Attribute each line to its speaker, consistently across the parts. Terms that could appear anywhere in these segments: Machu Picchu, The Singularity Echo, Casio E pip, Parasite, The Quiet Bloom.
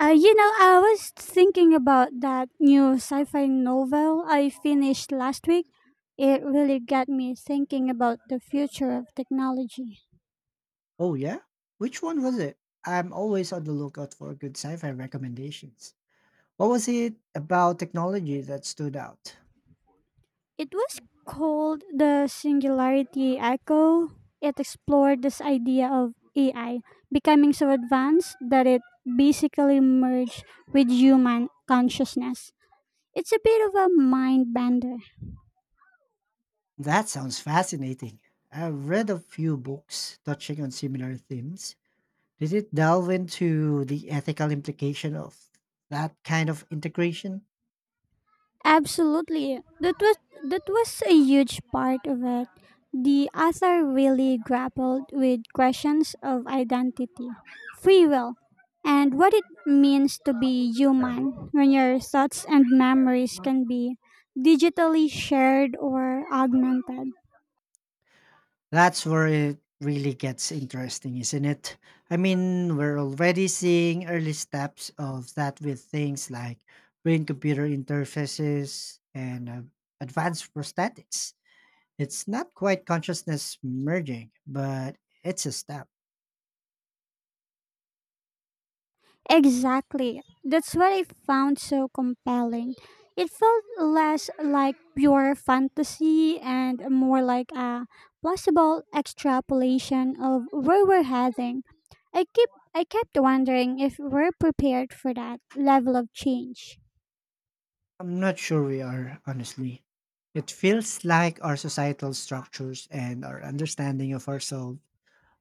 Speaker 1: I was thinking about that new sci fi novel I finished last week. It really got me thinking about the future of technology.
Speaker 2: Oh yeah? Which one was it? I'm always on the lookout for good sci-fi recommendations. What was it about technology that stood out?
Speaker 1: It was called The Singularity Echo. It explored this idea of AI becoming so advanced that it basically merged with human consciousness. It's a bit of a mind bender.
Speaker 2: That sounds fascinating. I've read a few books touching on similar themes. Did it delve into the ethical implication of that kind of integration?
Speaker 1: Absolutely. That was a huge part of it. The author really grappled with questions of identity, free will, and what it means to be human when your thoughts and memories can be digitally shared or augmented.
Speaker 2: That's where it really gets interesting, isn't it? I mean, we're already seeing early steps of that with things like brain computer interfaces and advanced prosthetics. It's not quite consciousness merging, but it's a step.
Speaker 1: Exactly. That's what I found so compelling. It felt less like pure fantasy and more like a plausible extrapolation of where we're heading. I keep I kept wondering if we're prepared for that level of change.
Speaker 2: I'm not sure we are, honestly. It feels like our societal structures and our understanding of ourselves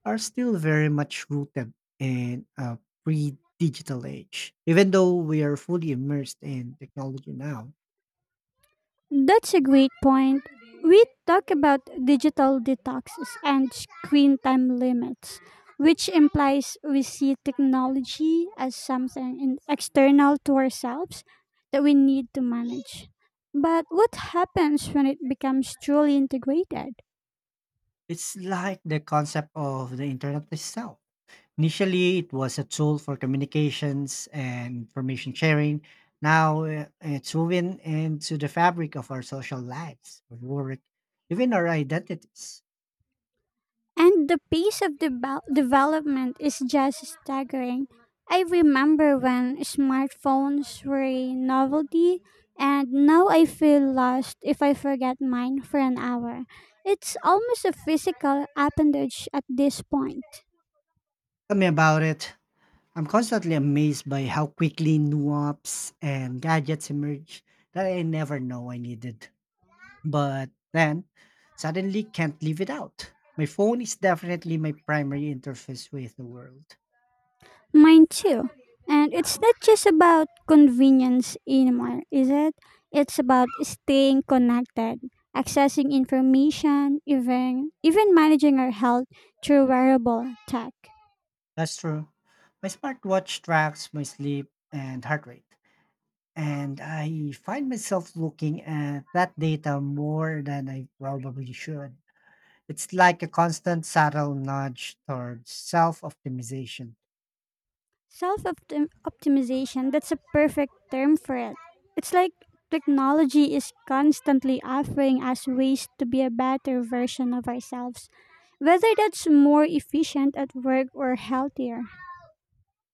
Speaker 2: are still very much rooted in a pre digital age, even though we are fully immersed in technology now.
Speaker 1: That's a great point. We talk about digital detoxes and screen time limits, which implies we see technology as something external to ourselves that we need to manage. But what happens when it becomes truly integrated?
Speaker 2: It's like the concept of the internet itself. Initially, it was a tool for communications and information sharing. Now, it's woven into the fabric of our social lives, our work, even our identities.
Speaker 1: And the pace of development is just staggering. I remember when smartphones were a novelty, and now I feel lost if I forget mine for an hour. It's almost a physical appendage at this point.
Speaker 2: Tell me about it. I'm constantly amazed by how quickly new apps and gadgets emerge that I never know I needed. But then, suddenly can't live it out. My phone is definitely my primary interface with the world.
Speaker 1: Mine too. And it's not just about convenience anymore, is it? It's about staying connected, accessing information, even managing our health through wearable tech.
Speaker 2: That's true. My smartwatch tracks my sleep and heart rate, and I find myself looking at that data more than I probably should. It's like a constant subtle nudge towards self optimization.
Speaker 1: Self optimization, that's a perfect term for it. It's like technology is constantly offering us ways to be a better version of ourselves, whether that's more efficient at work or healthier.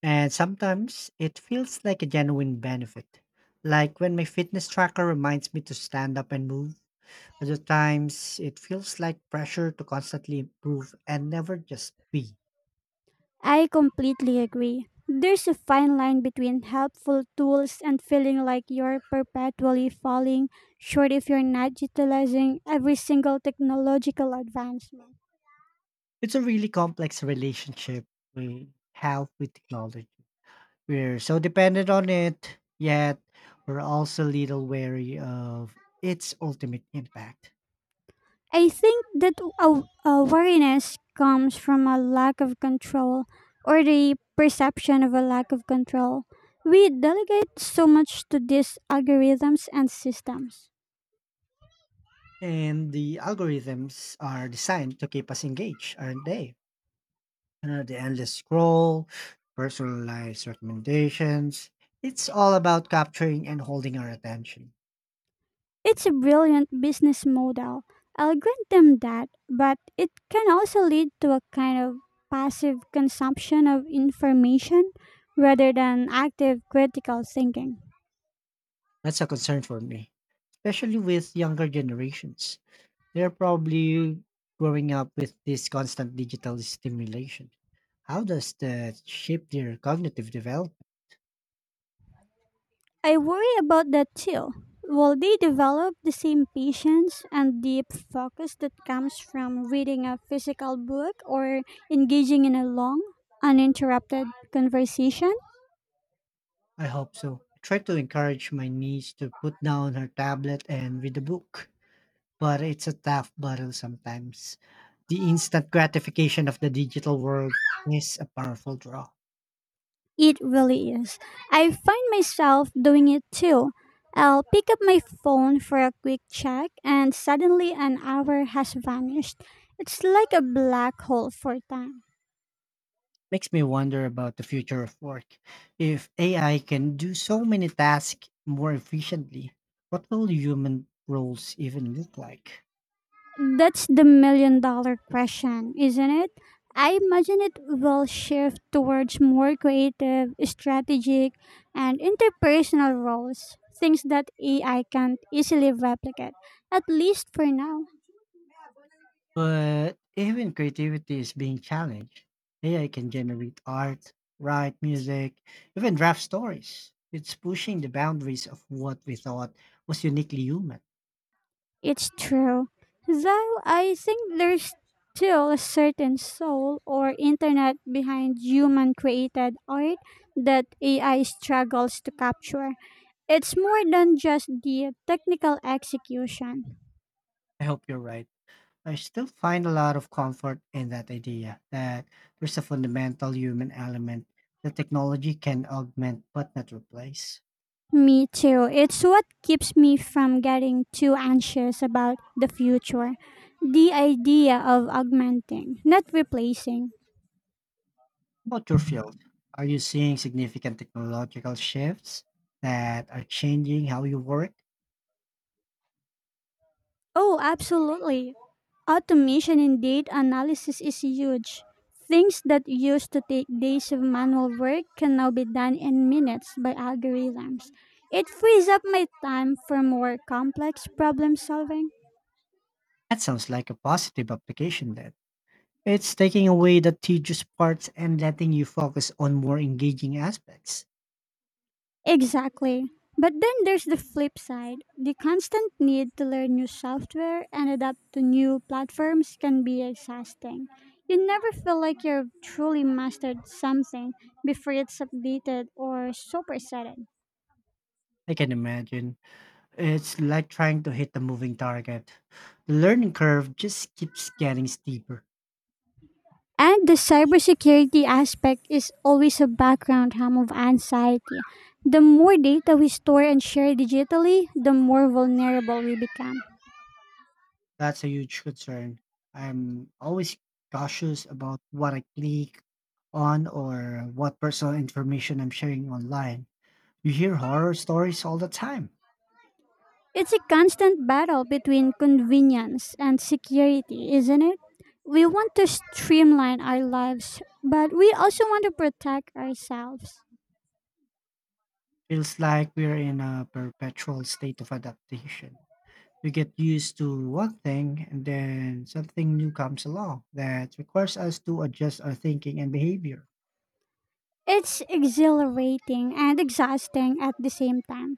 Speaker 2: And sometimes it feels like a genuine benefit. Like when my fitness tracker reminds me to stand up and move. Other times, it feels like pressure to constantly improve and never just be.
Speaker 1: I completely agree. There's a fine line between helpful tools and feeling like you're perpetually falling short if you're not utilizing every single technological advancement.
Speaker 2: It's a really complex relationship we have with technology. We're so dependent on it, yet we're also little wary of its ultimate impact.
Speaker 1: I think that wariness comes from a lack of control or the perception of a lack of control. We delegate so much to these algorithms and systems.
Speaker 2: And the algorithms are designed to keep us engaged, aren't they? The endless scroll, personalized recommendations. It's all about capturing and holding our attention.
Speaker 1: It's a brilliant business model. I'll grant them that, but it can also lead to a kind of passive consumption of information rather than active critical thinking.
Speaker 2: That's a concern for me, especially with younger generations. They're probably growing up with this constant digital stimulation. How does that shape their cognitive development?
Speaker 1: I worry about that too. Will they develop the same patience and deep focus that comes from reading a physical book or engaging in a long, uninterrupted conversation?
Speaker 2: I hope so. I try to encourage my niece to put down her tablet and read a book, but it's a tough battle sometimes. The instant gratification of the digital world is a powerful draw.
Speaker 1: It really is. I find myself doing it too. I'll pick up my phone for a quick check, and suddenly an hour has vanished. It's like a black hole for time.
Speaker 2: Makes me wonder about the future of work. If AI can do so many tasks more efficiently, what will human roles even look like?
Speaker 1: That's the million dollar question, isn't it? I imagine it will shift towards more creative, strategic, and interpersonal roles, things that AI can't easily replicate, at least for now.
Speaker 2: But even creativity is being challenged. AI can generate art, write music, even draft stories. It's pushing the boundaries of what we thought was uniquely human.
Speaker 1: It's true. Though I think there's still a certain soul or internet behind human created art that AI struggles to capture. It's more than just the technical execution.
Speaker 2: I hope you're right. I still find a lot of comfort in that idea that there's a fundamental human element that technology can augment but not replace.
Speaker 1: Me too. It's what keeps me from getting too anxious about the future. The idea of augmenting, not replacing.
Speaker 2: About your field, are you seeing significant technological shifts that are changing how you work?
Speaker 1: Oh, absolutely. Automation in data analysis is huge. Things that used to take days of manual work can now be done in minutes by algorithms. It frees up my time for more complex problem solving.
Speaker 2: That sounds like a positive application then. It's taking away the tedious parts and letting you focus on more engaging aspects.
Speaker 1: Exactly. But then there's the flip side. The constant need to learn new software and adapt to new platforms can be exhausting. You never feel like you've truly mastered something before it's updated or superseded.
Speaker 2: I can imagine. It's like trying to hit a moving target. The learning curve just keeps getting steeper.
Speaker 1: And the cybersecurity aspect is always a background hum of anxiety. The more data we store and share digitally, the more vulnerable we become.
Speaker 2: That's a huge concern. I'm always cautious about what I click on or what personal information I'm sharing online. You hear horror stories all the time.
Speaker 1: It's a constant battle between convenience and security, isn't it? We want to streamline our lives, but we also want to protect ourselves.
Speaker 2: Feels like we're in a perpetual state of adaptation. We get used to one thing and then something new comes along that requires us to adjust our thinking and behavior.
Speaker 1: It's exhilarating and exhausting at the same time.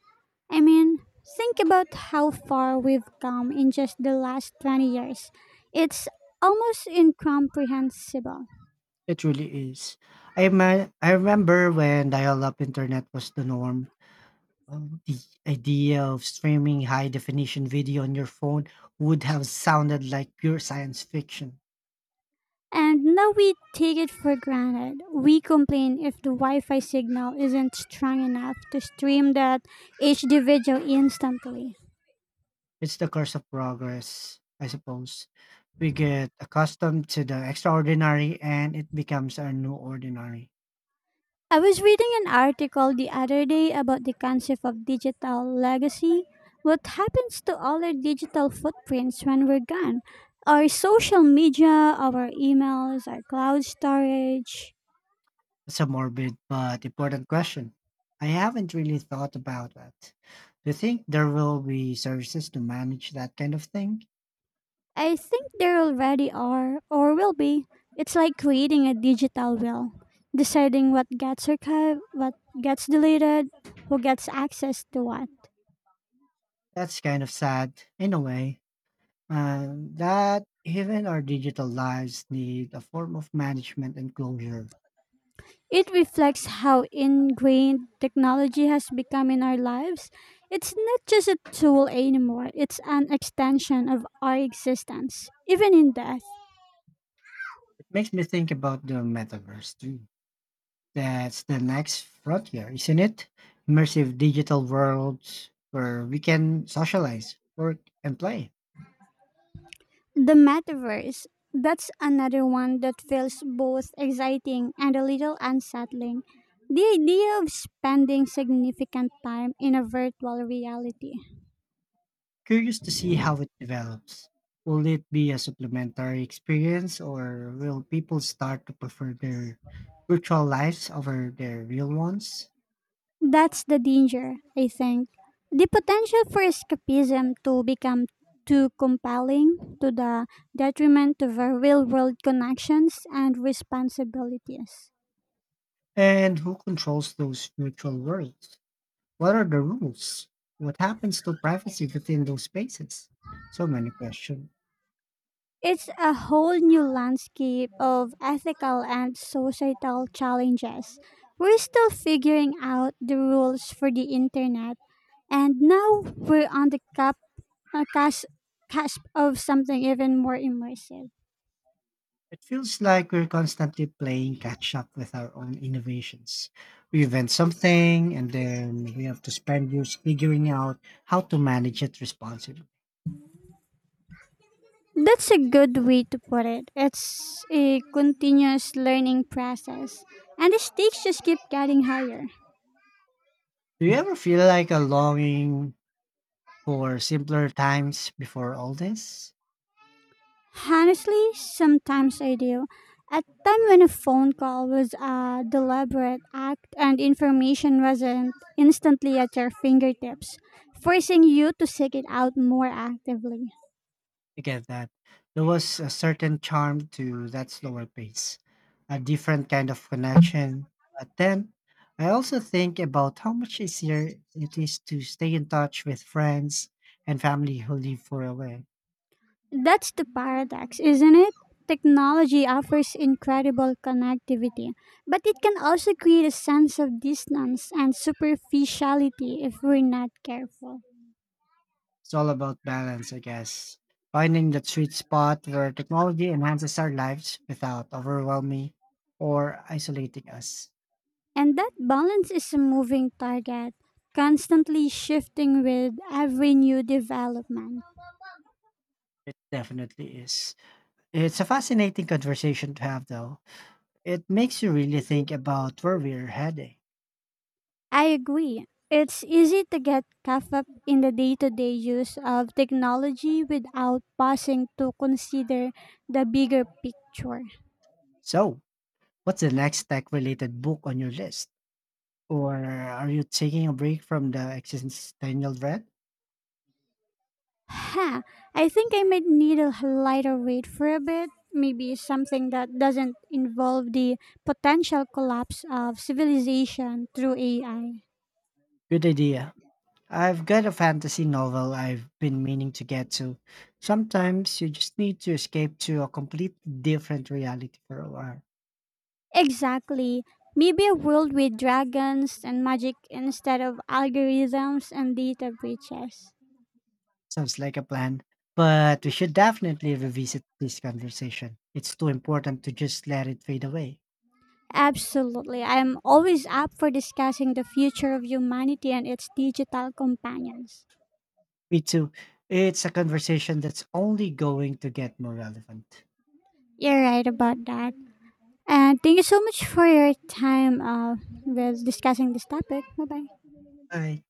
Speaker 1: I mean, think about how far we've come in just the last 20 years. It's almost incomprehensible.
Speaker 2: It really is. I remember when dial up internet was the norm. The idea of streaming high definition video on your phone would have sounded like pure science fiction.
Speaker 1: And now we take it for granted. We complain if the Wi Fi signal isn't strong enough to stream that HD video instantly.
Speaker 2: It's the curse of progress, I suppose. We get accustomed to the extraordinary and it becomes our new ordinary.
Speaker 1: I was reading an article the other day about the concept of digital legacy. What happens to all our digital footprints when we're gone? Our social media, our emails, our cloud storage.
Speaker 2: It's a morbid but important question. I haven't really thought about that. Do you think there will be services to manage that kind of thing?
Speaker 1: I think there already are, or will be. It's like creating a digital will, deciding what gets archived, what gets deleted, who gets access to what.
Speaker 2: That's kind of sad in a way, and that even our digital lives need a form of management and closure.
Speaker 1: It reflects how ingrained technology has become in our lives. It's not just a tool anymore, it's an extension of our existence, even in death.
Speaker 2: It makes me think about the metaverse too. That's the next frontier, isn't it? Immersive digital worlds where we can socialize, work, and play.
Speaker 1: The metaverse. That's another one that feels both exciting and a little unsettling. The idea of spending significant time in a virtual reality.
Speaker 2: Curious to see how it develops. Will it be a supplementary experience or will people start to prefer their virtual lives over their real ones?
Speaker 1: That's the danger, I think. The potential for escapism to become too compelling to the detriment of our real world connections and responsibilities.
Speaker 2: And who controls those virtual worlds? What are the rules? What happens to privacy within those spaces? So many questions.
Speaker 1: It's a whole new landscape of ethical and societal challenges. We're still figuring out the rules for the internet, and now we're on the uh, cusp, cusp of something even more immersive.
Speaker 2: It feels like we're constantly playing catch up with our own innovations. We invent something and then we have to spend years figuring out how to manage it responsibly.
Speaker 1: That's a good way to put it. It's a continuous learning process, and the stakes just keep getting higher.
Speaker 2: Do you ever feel like a longing for simpler times before all this?
Speaker 1: Honestly, sometimes I do. At time when a phone call was a deliberate act and information wasn't instantly at your fingertips, forcing you to seek it out more actively.
Speaker 2: I get that. There was a certain charm to that slower pace, a different kind of connection. But then I also think about how much easier it is to stay in touch with friends and family who live far away.
Speaker 1: That's the paradox, isn't it? Technology offers incredible connectivity, but it can also create a sense of distance and superficiality if we're not careful.
Speaker 2: It's all about balance, I guess. Finding that sweet spot where technology enhances our lives without overwhelming or isolating us.
Speaker 1: And that balance is a moving target, constantly shifting with every new development.
Speaker 2: It definitely is. It's a fascinating conversation to have, though. It makes you really think about where we're heading.
Speaker 1: I agree. It's easy to get caught up in the day to day use of technology without pausing to consider the bigger picture.
Speaker 2: So, what's the next tech related book on your list? Or are you taking a break from the existential dread?
Speaker 1: Huh, I think I might need a lighter weight for a bit. Maybe something that doesn't involve the potential collapse of civilization through AI.
Speaker 2: Good idea. I've got a fantasy novel I've been meaning to get to. Sometimes you just need to escape to a completely different reality for a while.
Speaker 1: Exactly. Maybe a world with dragons and magic instead of algorithms and data breaches.
Speaker 2: Sounds like a plan. But we should definitely revisit this conversation. It's too important to just let it fade away.
Speaker 1: Absolutely. I am always up for discussing the future of humanity and its digital companions.
Speaker 2: Me too. It's a conversation that's only going to get more relevant.
Speaker 1: You're right about that. And thank you so much for your time with discussing this topic. Bye bye.
Speaker 2: Bye.